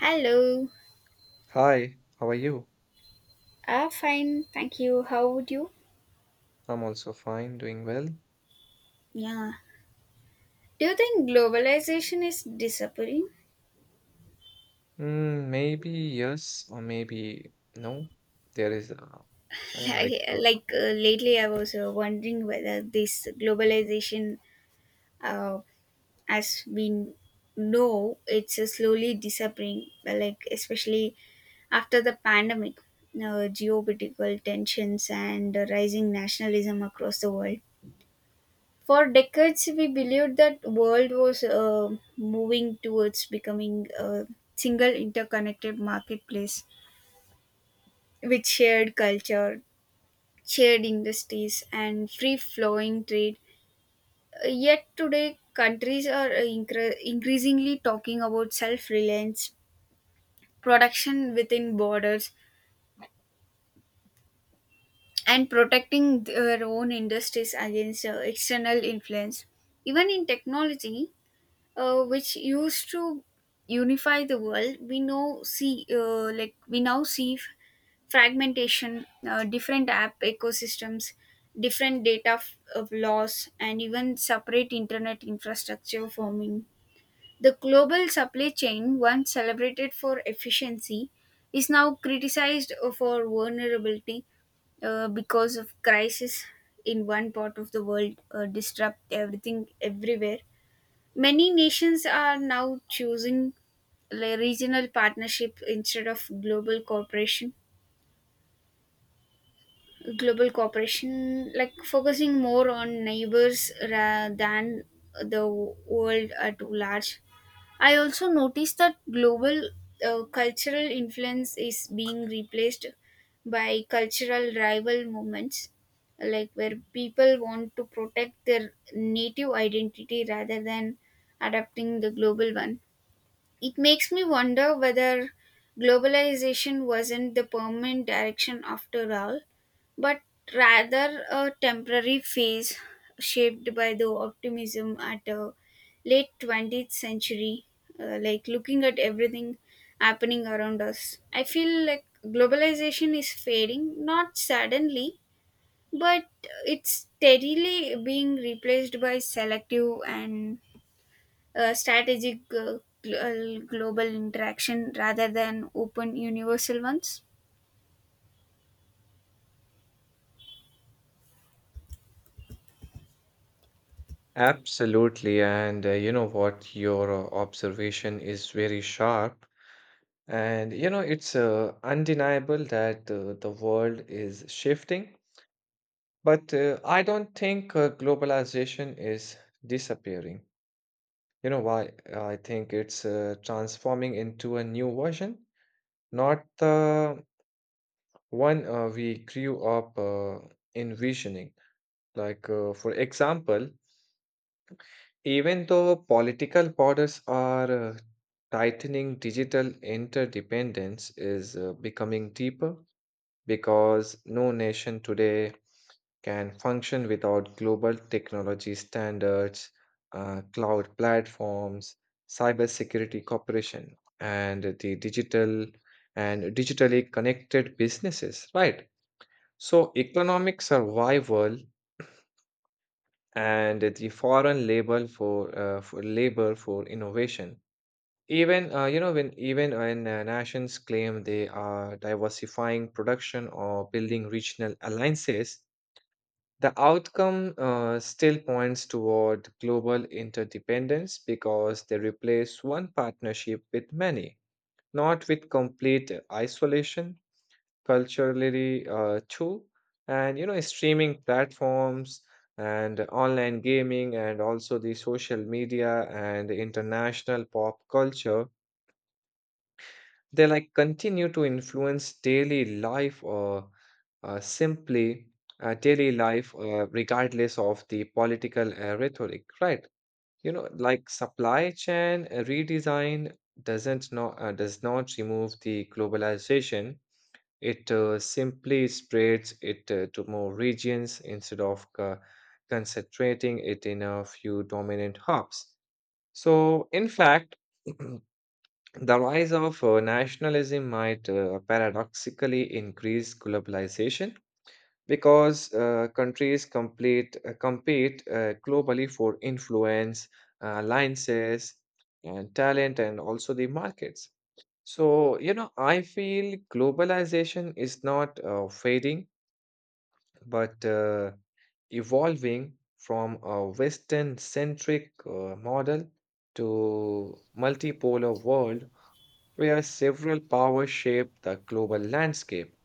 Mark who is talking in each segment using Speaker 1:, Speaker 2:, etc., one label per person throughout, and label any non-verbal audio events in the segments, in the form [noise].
Speaker 1: Hello.
Speaker 2: Hi, how are you?
Speaker 1: Ah, fine. Thank you. How would you?
Speaker 2: I'm also fine, doing well.
Speaker 1: Yeah. Do you think globalization is disappearing?
Speaker 2: Maybe yes, or maybe no. There is a,
Speaker 1: [laughs]
Speaker 2: like
Speaker 1: Like, lately, I was wondering whether this globalization, uh, as we know, it's slowly disappearing. Like, especially after the pandemic, geopolitical tensions and rising nationalism across the world. For decades, we believed that world was moving towards becoming a single interconnected marketplace with shared culture, shared industries, and free flowing trade. Yet today, countries are increasingly talking about self reliance, production within borders, and protecting their own industries against external influence. Even in technology, which used to unify the world, we know see we now see fragmentation, different app ecosystems, different data f- of laws, and even separate internet infrastructure forming. The global supply chain, once celebrated for efficiency, is now criticized for vulnerability, because of crisis in one part of the world disrupt everything everywhere. Many nations are now choosing regional partnership instead of global cooperation. Global cooperation, like focusing more on neighbors than the world at large. I also noticed that global cultural influence is being replaced by cultural rival movements, like where people want to protect their native identity rather than adapting the global one. It makes me wonder whether globalization wasn't the permanent direction after all, but rather a temporary phase shaped by the optimism at a late 20th century. Like, looking at everything happening around us, I feel like globalization is fading, not suddenly, but it's steadily being replaced by selective and strategic, global interaction rather than open universal ones.
Speaker 2: Absolutely, and you know what? Your observation is very sharp, and you know it's undeniable that the world is shifting. But I don't think globalization is disappearing. You know why? I think it's transforming into a new version, not the one we grew up envisioning. For example, even though political borders are tightening, digital interdependence is becoming deeper because no nation today can function without global technology standards, cloud platforms, cybersecurity cooperation, and the digital and digitally connected businesses, right? So economic survival and the foreign label for labor for innovation. Even when nations claim they are diversifying production or building regional alliances, the outcome still points toward global interdependence because they replace one partnership with many, not with complete isolation. Culturally too, and you know streaming platforms and online gaming and also the social media and international pop culture, they like continue to influence daily life or simply daily life regardless of the political rhetoric, right? You know, like supply chain redesign does not remove the globalization. It simply spreads it to more regions instead of concentrating it in a few dominant hubs. So, in fact, [clears throat] the rise of nationalism might paradoxically increase globalization because countries compete globally for influence, alliances, and talent, and also the markets. So, you know, I feel globalization is not fading, but evolving from a Western centric model to multipolar world where several powers shape the global landscape.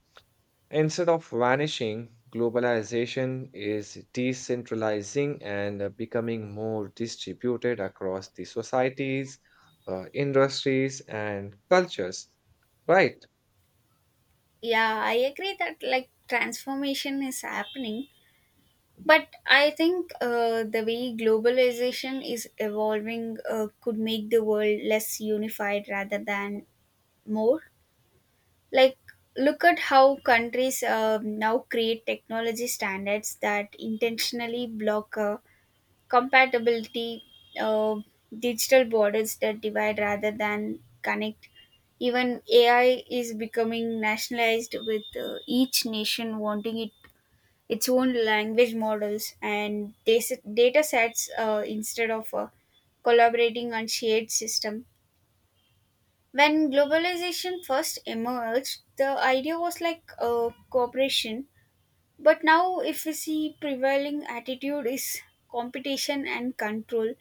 Speaker 2: Instead of vanishing, globalization is decentralizing and becoming more distributed across the societies, industries, and cultures. Right.
Speaker 1: Yeah, I agree that like transformation is happening, but I think the way globalization is evolving could make the world less unified rather than more. Like, look at how countries now create technology standards that intentionally block. Compatibility, uh, digital borders that divide rather than connect. Even AI is becoming nationalized with each nation wanting it, its own language models and data sets instead of collaborating on shared system. When globalization first emerged, the idea was like cooperation, but now, if we see, prevailing attitude is competition and control,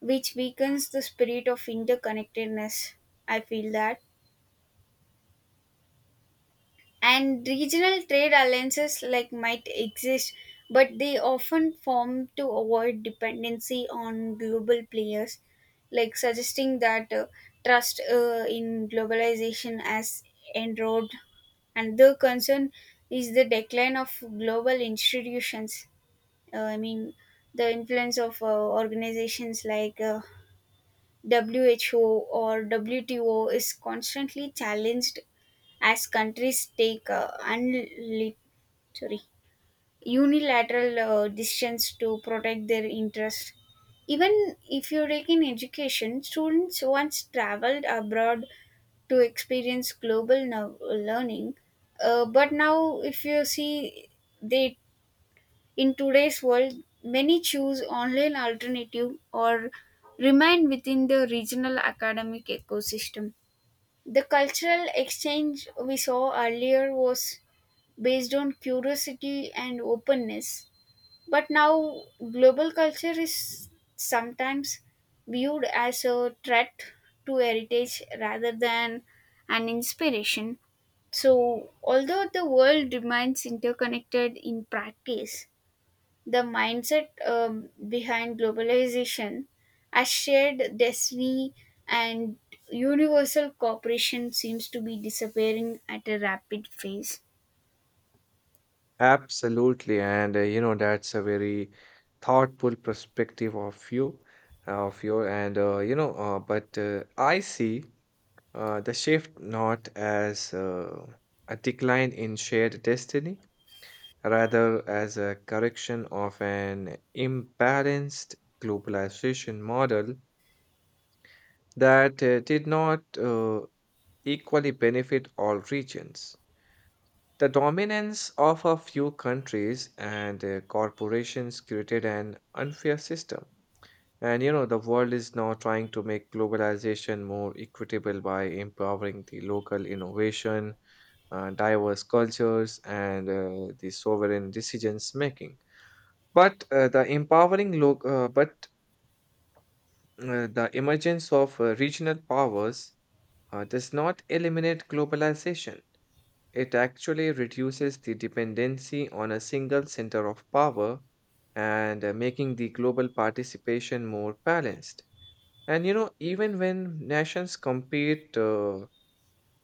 Speaker 1: which weakens the spirit of interconnectedness. I feel that. And regional trade alliances like might exist, but they often form to avoid dependency on global players, like suggesting that trust in globalization has enrolled. And the concern is the decline of global institutions. I mean, the influence of organizations like WHO or WTO is constantly challenged as countries take sorry, unilateral decisions to protect their interests. Even if you take in education, students once traveled abroad to experience global learning, but now, if you see, they, in today's world, many choose online alternative or remain within the regional academic ecosystem. The cultural exchange we saw earlier was based on curiosity and openness, but now global culture is sometimes viewed as a threat to heritage rather than an inspiration. So, although the world remains interconnected in practice, the mindset behind globalization as shared destiny and universal cooperation seems to be disappearing at a rapid pace.
Speaker 2: Absolutely, and you know that's a very thoughtful perspective of you, of your, and but I see the shift not as a decline in shared destiny, rather as a correction of an imbalanced globalization model that did not equally benefit all regions. The dominance of a few countries and corporations created an unfair system. And you know, the world is now trying to make globalization more equitable by empowering the local innovation, diverse cultures, and the sovereign decisions making. But the emergence of regional powers does not eliminate globalization. It actually reduces the dependency on a single center of power and making the global participation more balanced. And you know, even when nations compete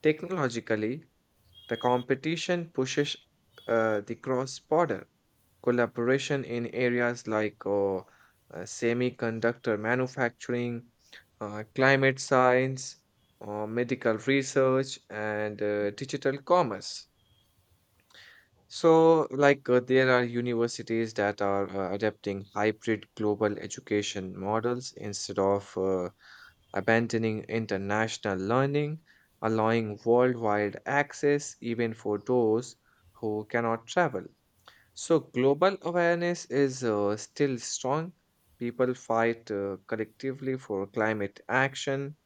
Speaker 2: technologically, the competition pushes the cross border collaboration in areas like semiconductor manufacturing, climate science, medical research, and digital commerce. So, there are universities that are adapting hybrid global education models instead of abandoning international learning, allowing worldwide access even for those who cannot travel. So, global awareness is still strong. People fight collectively for climate action,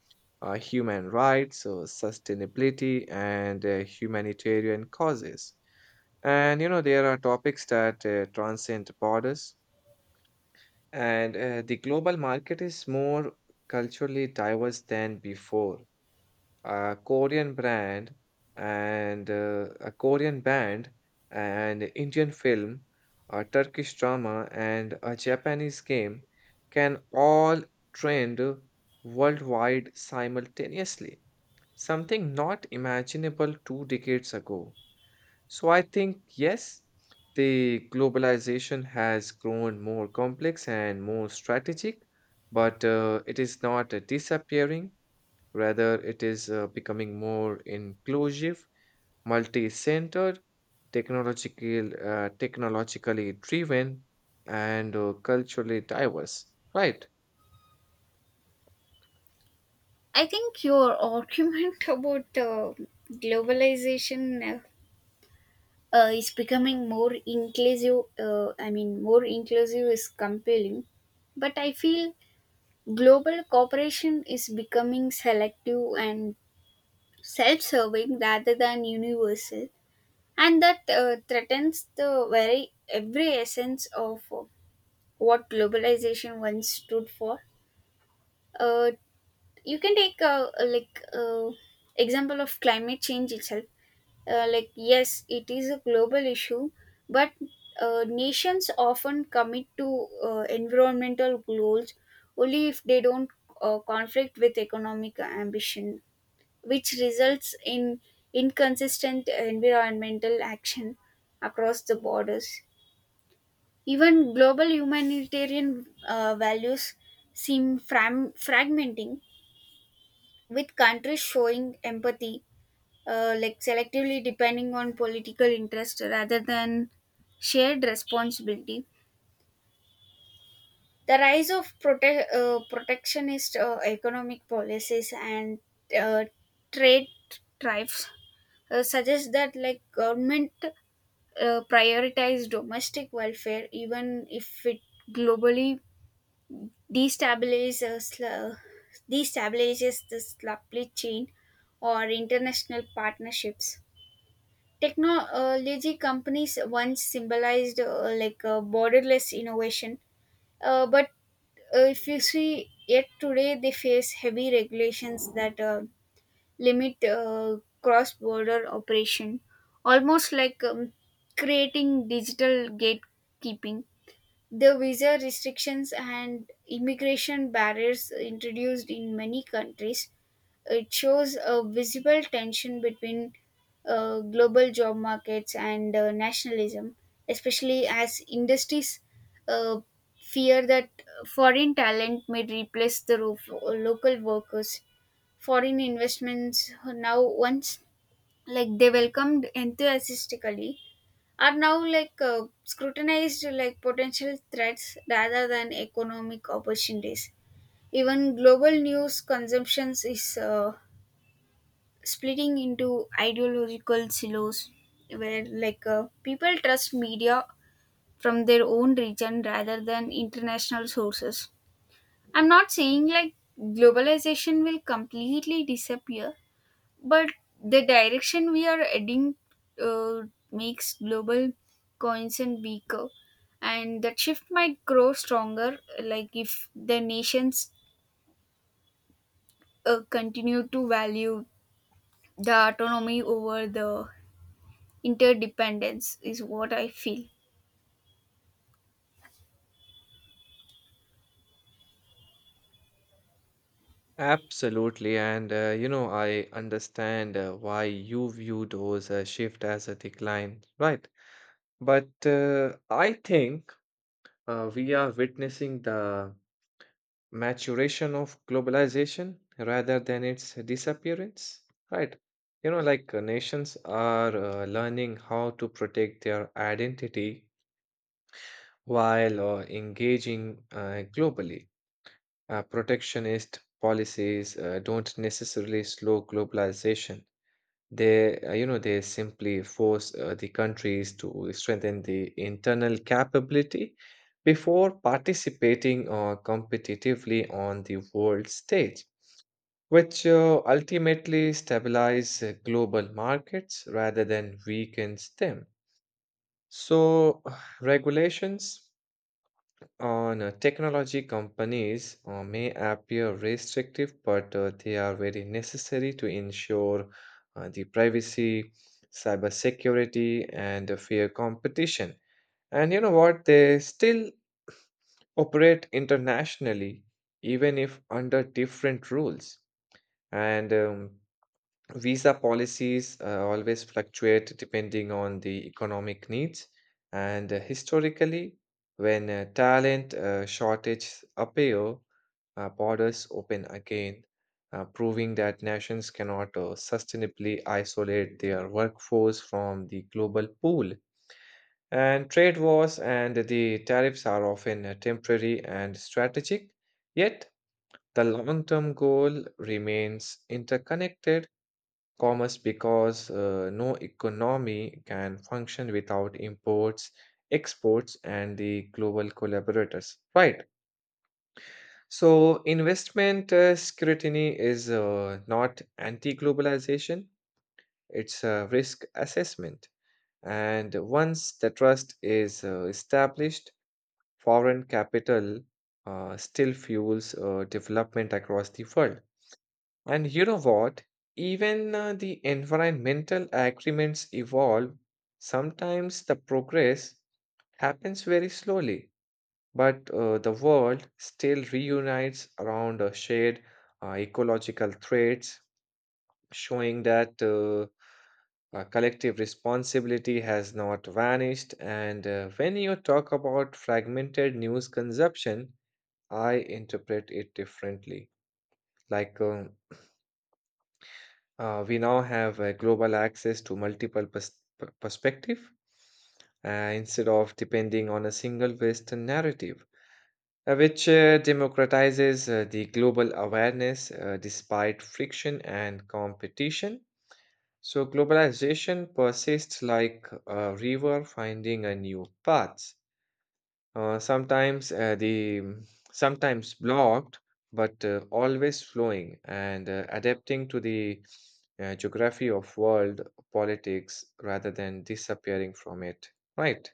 Speaker 2: human rights, so sustainability, and humanitarian causes. And you know, there are topics that transcend borders, and the global market is more culturally diverse than before. A Korean brand and a Korean band, and Indian film, a Turkish drama, and a Japanese game can all trend worldwide simultaneously, something not imaginable 2 decades ago. So I think, yes, the globalization has grown more complex and more strategic, but it is not disappearing. Rather, it is becoming more inclusive, multi-centered, technologically driven, and culturally diverse, right?
Speaker 1: I think your argument [laughs] about globalization uh, is becoming more inclusive. I mean, more inclusive is compelling, but I feel global cooperation is becoming selective and self-serving rather than universal, and that threatens the very every essence of what globalization once stood for. uh, you can take example of climate change itself. Like, yes, it is a global issue, but nations often commit to environmental goals only if they don't conflict with economic ambition, which results in inconsistent environmental action across the borders. Even global humanitarian values seem fragmenting, with countries showing empathy, like selectively depending on political interest rather than shared responsibility. The rise of protectionist economic policies and uh, trade tariffs suggest that like government prioritize domestic welfare even if it globally destabilizes, uh, destabilizes the supply chain or international partnerships. Technology companies once symbolized borderless innovation, but if you see, yet today they face heavy regulations that limit cross border operation, almost like creating digital gatekeeping. The visa restrictions and immigration barriers introduced in many countries, it shows a visible tension between global job markets and nationalism, especially as industries uh, fear that foreign talent may replace the local workers. Foreign investments, now once like they welcomed enthusiastically, are now like scrutinized like potential threats rather than economic opportunities. Even global news consumptions is splitting into ideological silos, where like people trust media from their own region rather than international sources. I'm not saying like globalization will completely disappear, but the direction we are heading uh, makes global concern weaker, and that shift might grow stronger like if the nations continue to value the autonomy over the interdependence is what I feel.
Speaker 2: Absolutely. And, you know, I understand why you view those shift as a decline, right? But I think we are witnessing the maturation of globalization rather than its disappearance, right? You know, like nations are learning how to protect their identity while engaging globally. Protectionist policies don't necessarily slow globalization. They, you know, they simply force the countries to strengthen the internal capability before participating competitively on the world stage, which ultimately stabilize global markets rather than weakens them. So, [sighs] regulations on technology companies may appear restrictive, but they are very necessary to ensure the privacy, cybersecurity, and a fair competition. And you know what? They still operate internationally, even if under different rules. And Visa policies always fluctuate depending on the economic needs, and historically, when talent shortages appear, borders open again, proving that nations cannot sustainably isolate their workforce from the global pool. And trade wars and the tariffs are often temporary and strategic, yet, the long term goal remains interconnected commerce because no economy can function without imports, exports, and the global collaborators. Right. So, investment scrutiny is not anti globalization, it's a risk assessment. And once the trust is established, foreign capital still fuels development across the world. And you know what? Even the environmental agreements evolve. Sometimes the progress happens very slowly, but the world still reunites around a shared ecological threats, showing that collective responsibility has not vanished. And when you talk about fragmented news consumption, I interpret it differently. Like, um, we now have a global access to multiple perspective instead of depending on a single western narrative which democratizes the global awareness despite friction and competition. So globalization persists like a river finding a new path, sometimes the sometimes blocked, but always flowing and adapting to the geography of world politics rather than disappearing from it. Right.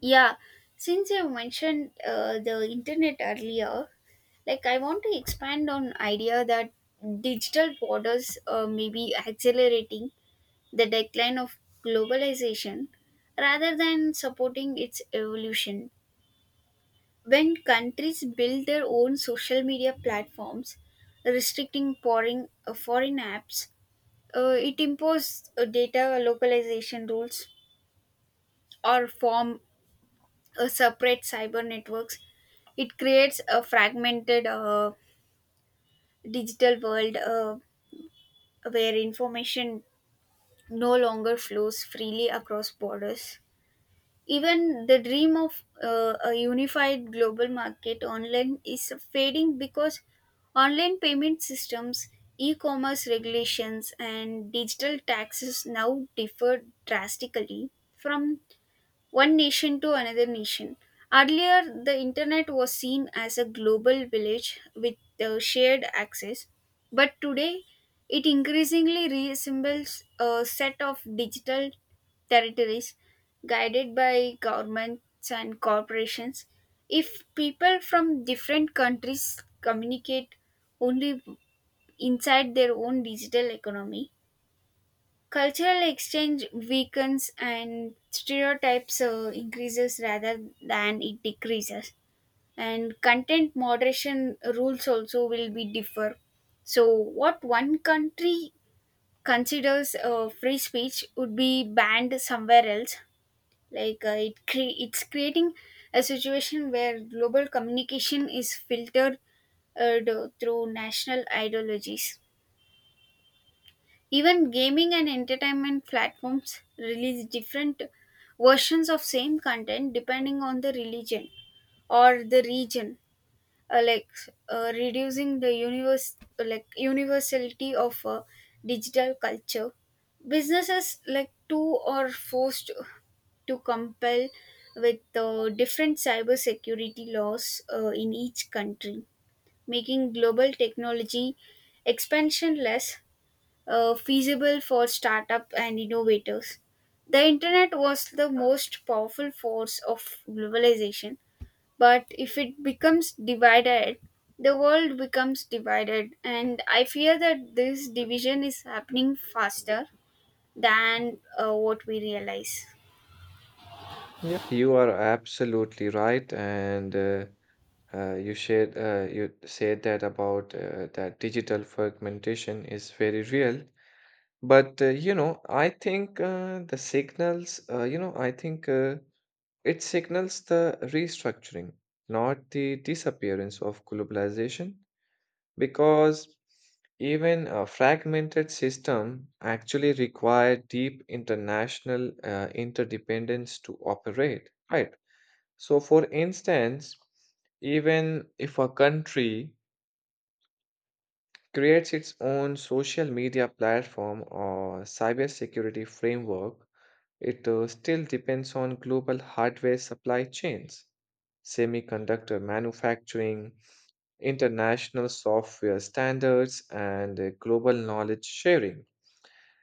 Speaker 1: Yeah, since you mentioned the internet earlier, like I want to expand on idea that digital borders may be accelerating the decline of globalization rather than supporting its evolution. When countries build their own social media platforms, restricting pouring foreign apps, it imposes data localization rules or form separate cyber networks. It creates a fragmented digital world where information no longer flows freely across borders. Even the dream of a unified global market online is fading because online payment systems, e commerce regulations, and digital taxes now differ drastically from one nation to another nation. Earlier, the internet was seen as a global village with shared access, but today it increasingly resembles a set of digital territories guided by governments and corporations. If people from different countries communicate only inside their own digital economy, cultural exchange weakens and stereotypes increases rather than it decreases. And content moderation rules also will be differ. So what one country considers free speech would be banned somewhere else. Like, it's creating a situation where global communication is filtered uh, through national ideologies. Even gaming and entertainment platforms release different versions of same content depending on the religion or the region, uh, like reducing the universe like universality of digital culture. Businesses like too are forced to compel with different cybersecurity laws in each country, making global technology expansion less feasible for startup and innovators. The internet was the most powerful force of globalization, but if it becomes divided, the world becomes divided, and I fear that this division is happening faster than what we realize.
Speaker 2: Yeah, you are absolutely right, and you shared you said that about that digital fragmentation is very real. But you know, I think the signals. You know, I think. It signals the restructuring, not the disappearance of globalization, because even a fragmented system actually require deep international interdependence to operate, right? So, for instance, even if a country creates its own social media platform or cybersecurity framework, it still depends on global hardware supply chains, semiconductor manufacturing, international software standards, and global knowledge sharing.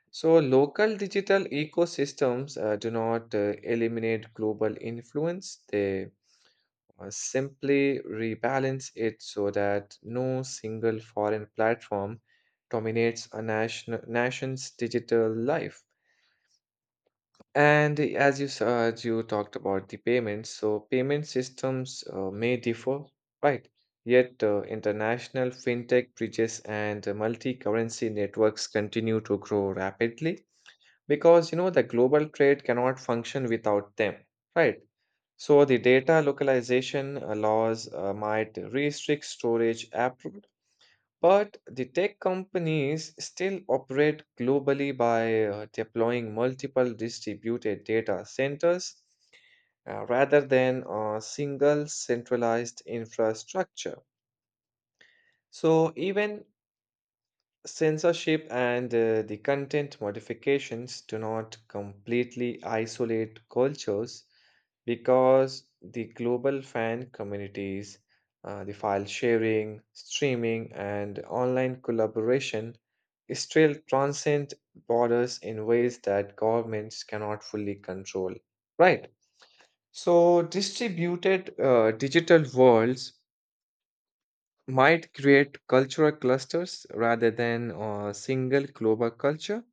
Speaker 2: So, local digital ecosystems do not eliminate global influence, they simply rebalance it so that no single foreign platform dominates a nation's digital life. And as you saw, as you talked about the payments, so payment systems may differ, right? Yet international fintech bridges and multi currency networks continue to grow rapidly because you know the global trade cannot function without them, right? So the data localization laws might restrict storage abroad, but the tech companies still operate globally by deploying multiple distributed data centers rather than a single centralized infrastructure. So even censorship and the content modifications do not completely isolate cultures because the global fan communities, the file sharing, streaming, and online collaboration still transcend borders in ways that governments cannot fully control. Right. So, distributed digital worlds might create cultural clusters rather than a single global culture.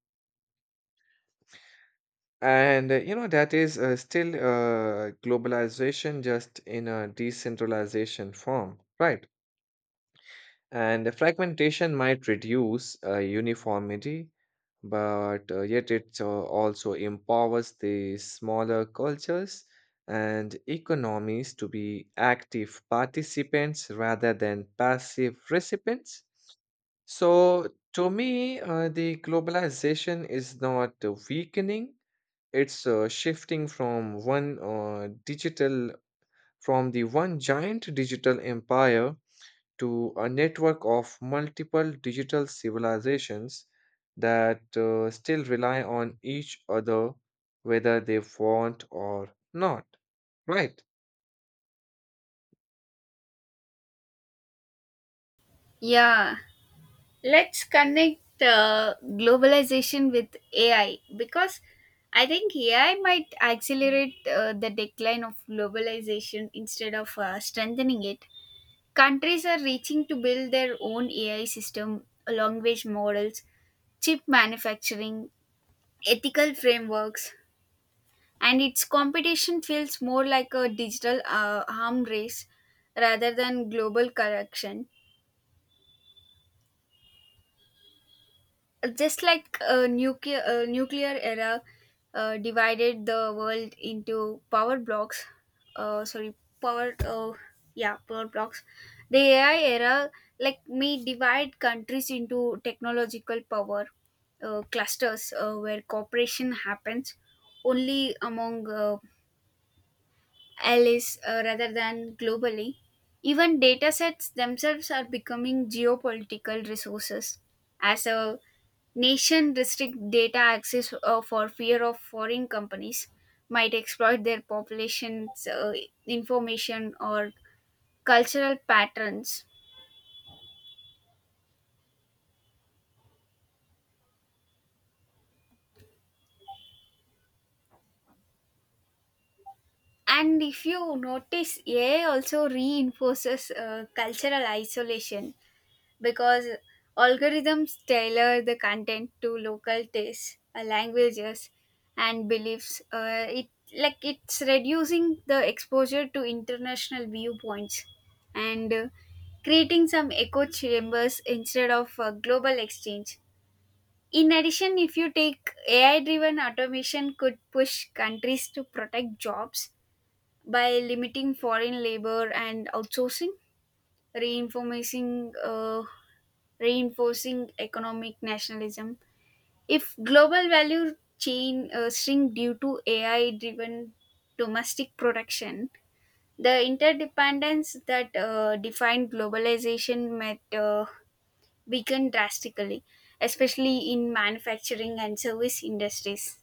Speaker 2: And you know, that is still globalization just in a decentralization form, right? And fragmentation might reduce uniformity, but yet it also empowers the smaller cultures and economies to be active participants rather than passive recipients. So, to me, the globalization is not weakening, it's shifting from the one giant digital empire to a network of multiple digital civilizations that still rely on each other, whether they want or not. Right.
Speaker 1: Yeah, let's connect globalization with AI, because I think AI might accelerate the decline of globalization instead of strengthening it. Countries are reaching to build their own AI system, language models, chip manufacturing, ethical frameworks, and its competition feels more like a digital arm race rather than global correction, just like a nuclear era divided the world into power blocks sorry power yeah power blocks. The AI era like may divide countries into technological power clusters where cooperation happens only among Alice, rather than globally. Even data sets themselves are becoming geopolitical resources as a nation restrict data access for fear of foreign companies might exploit their population's information or cultural patterns. And if you notice, AI also reinforces cultural isolation because algorithms tailor the content to local tastes, languages, and beliefs. It like it's reducing the exposure to international viewpoints and creating some echo chambers instead of global exchange. In addition, if you take AI driven automation, could push countries to protect jobs by limiting foreign labor and outsourcing, reinforcing uh, reinforcing economic nationalism. If global value chain shrink due to AI-driven domestic production, the interdependence that defined globalization might weaken drastically, especially in manufacturing and service industries.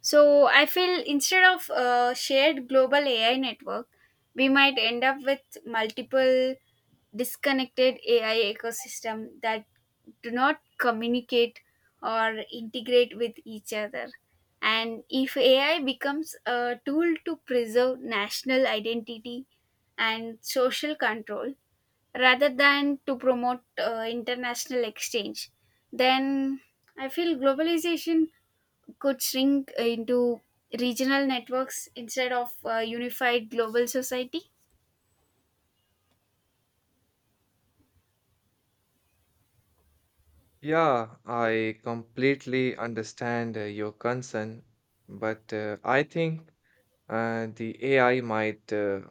Speaker 1: So I feel instead of a shared global AI network, we might end up with multiple disconnected AI ecosystem that do not communicate or integrate with each other. And if AI becomes a tool to preserve national identity and social control rather than to promote international exchange, then I feel globalization could shrink into regional networks instead of a unified global society.
Speaker 2: Yeah, I completely understand your concern, but I think the AI might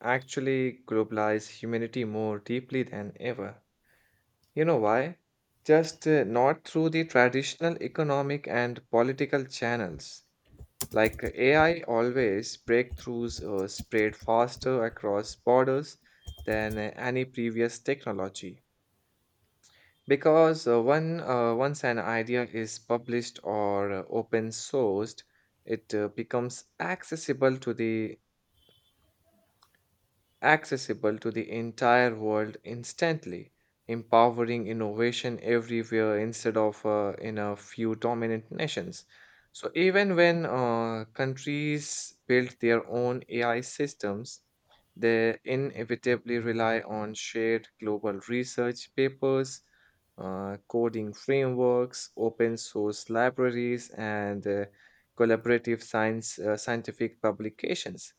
Speaker 2: actually globalize humanity more deeply than ever. You know why? Just not through the traditional economic and political channels. Like AI always, breakthroughs spread faster across borders than any previous technology. Because when once an idea is published or open sourced, it becomes accessible to the entire world instantly, empowering innovation everywhere instead of in a few dominant nations. So, even when countries build their own AI systems, they inevitably rely on shared global research papers, coding frameworks, open source libraries, and collaborative scientific publications,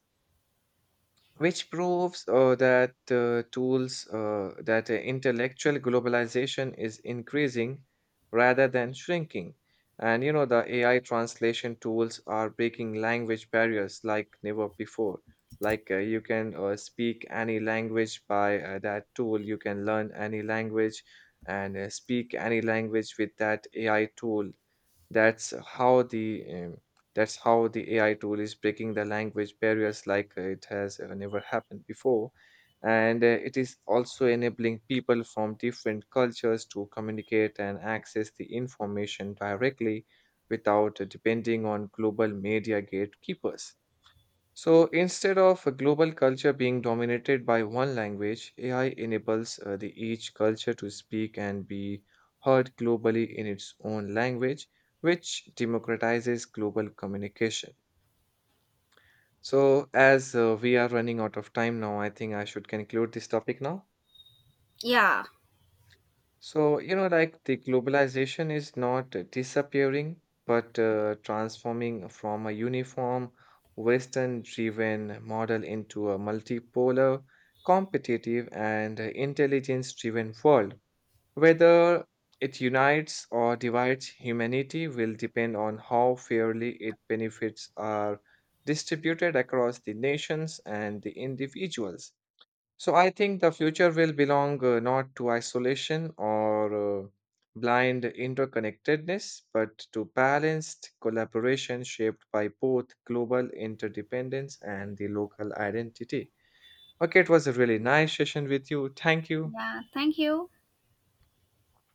Speaker 2: which proves that tools that intellectual globalization is increasing rather than shrinking. And you know, the AI translation tools are breaking language barriers like never before. Like you can speak any language by that tool, you can learn any language and speak any language with that AI tool. that's how the um, that's how the AI tool is breaking the language barriers like it has never happened before. And it is also enabling people from different cultures to communicate and access the information directly without depending on global media gatekeepers. So instead of a global culture being dominated by one language, AI enables the each culture to speak and be heard globally in its own language, which democratizes global communication. So as we are running out of time now, I think I should conclude this topic now.
Speaker 1: Yeah.
Speaker 2: So, you know, like the globalization is not disappearing, but transforming from a uniform, Western-driven model into a multipolar, competitive, and intelligence-driven world. Whether it unites or divides humanity will depend on how fairly its benefits are distributed across the nations and the individuals. So I think the future will belong not to isolation or blind interconnectedness, but to balanced collaboration shaped by both global interdependence and the local identity. Okay, it was a really nice session with you. Thank you.
Speaker 1: Yeah, thank you.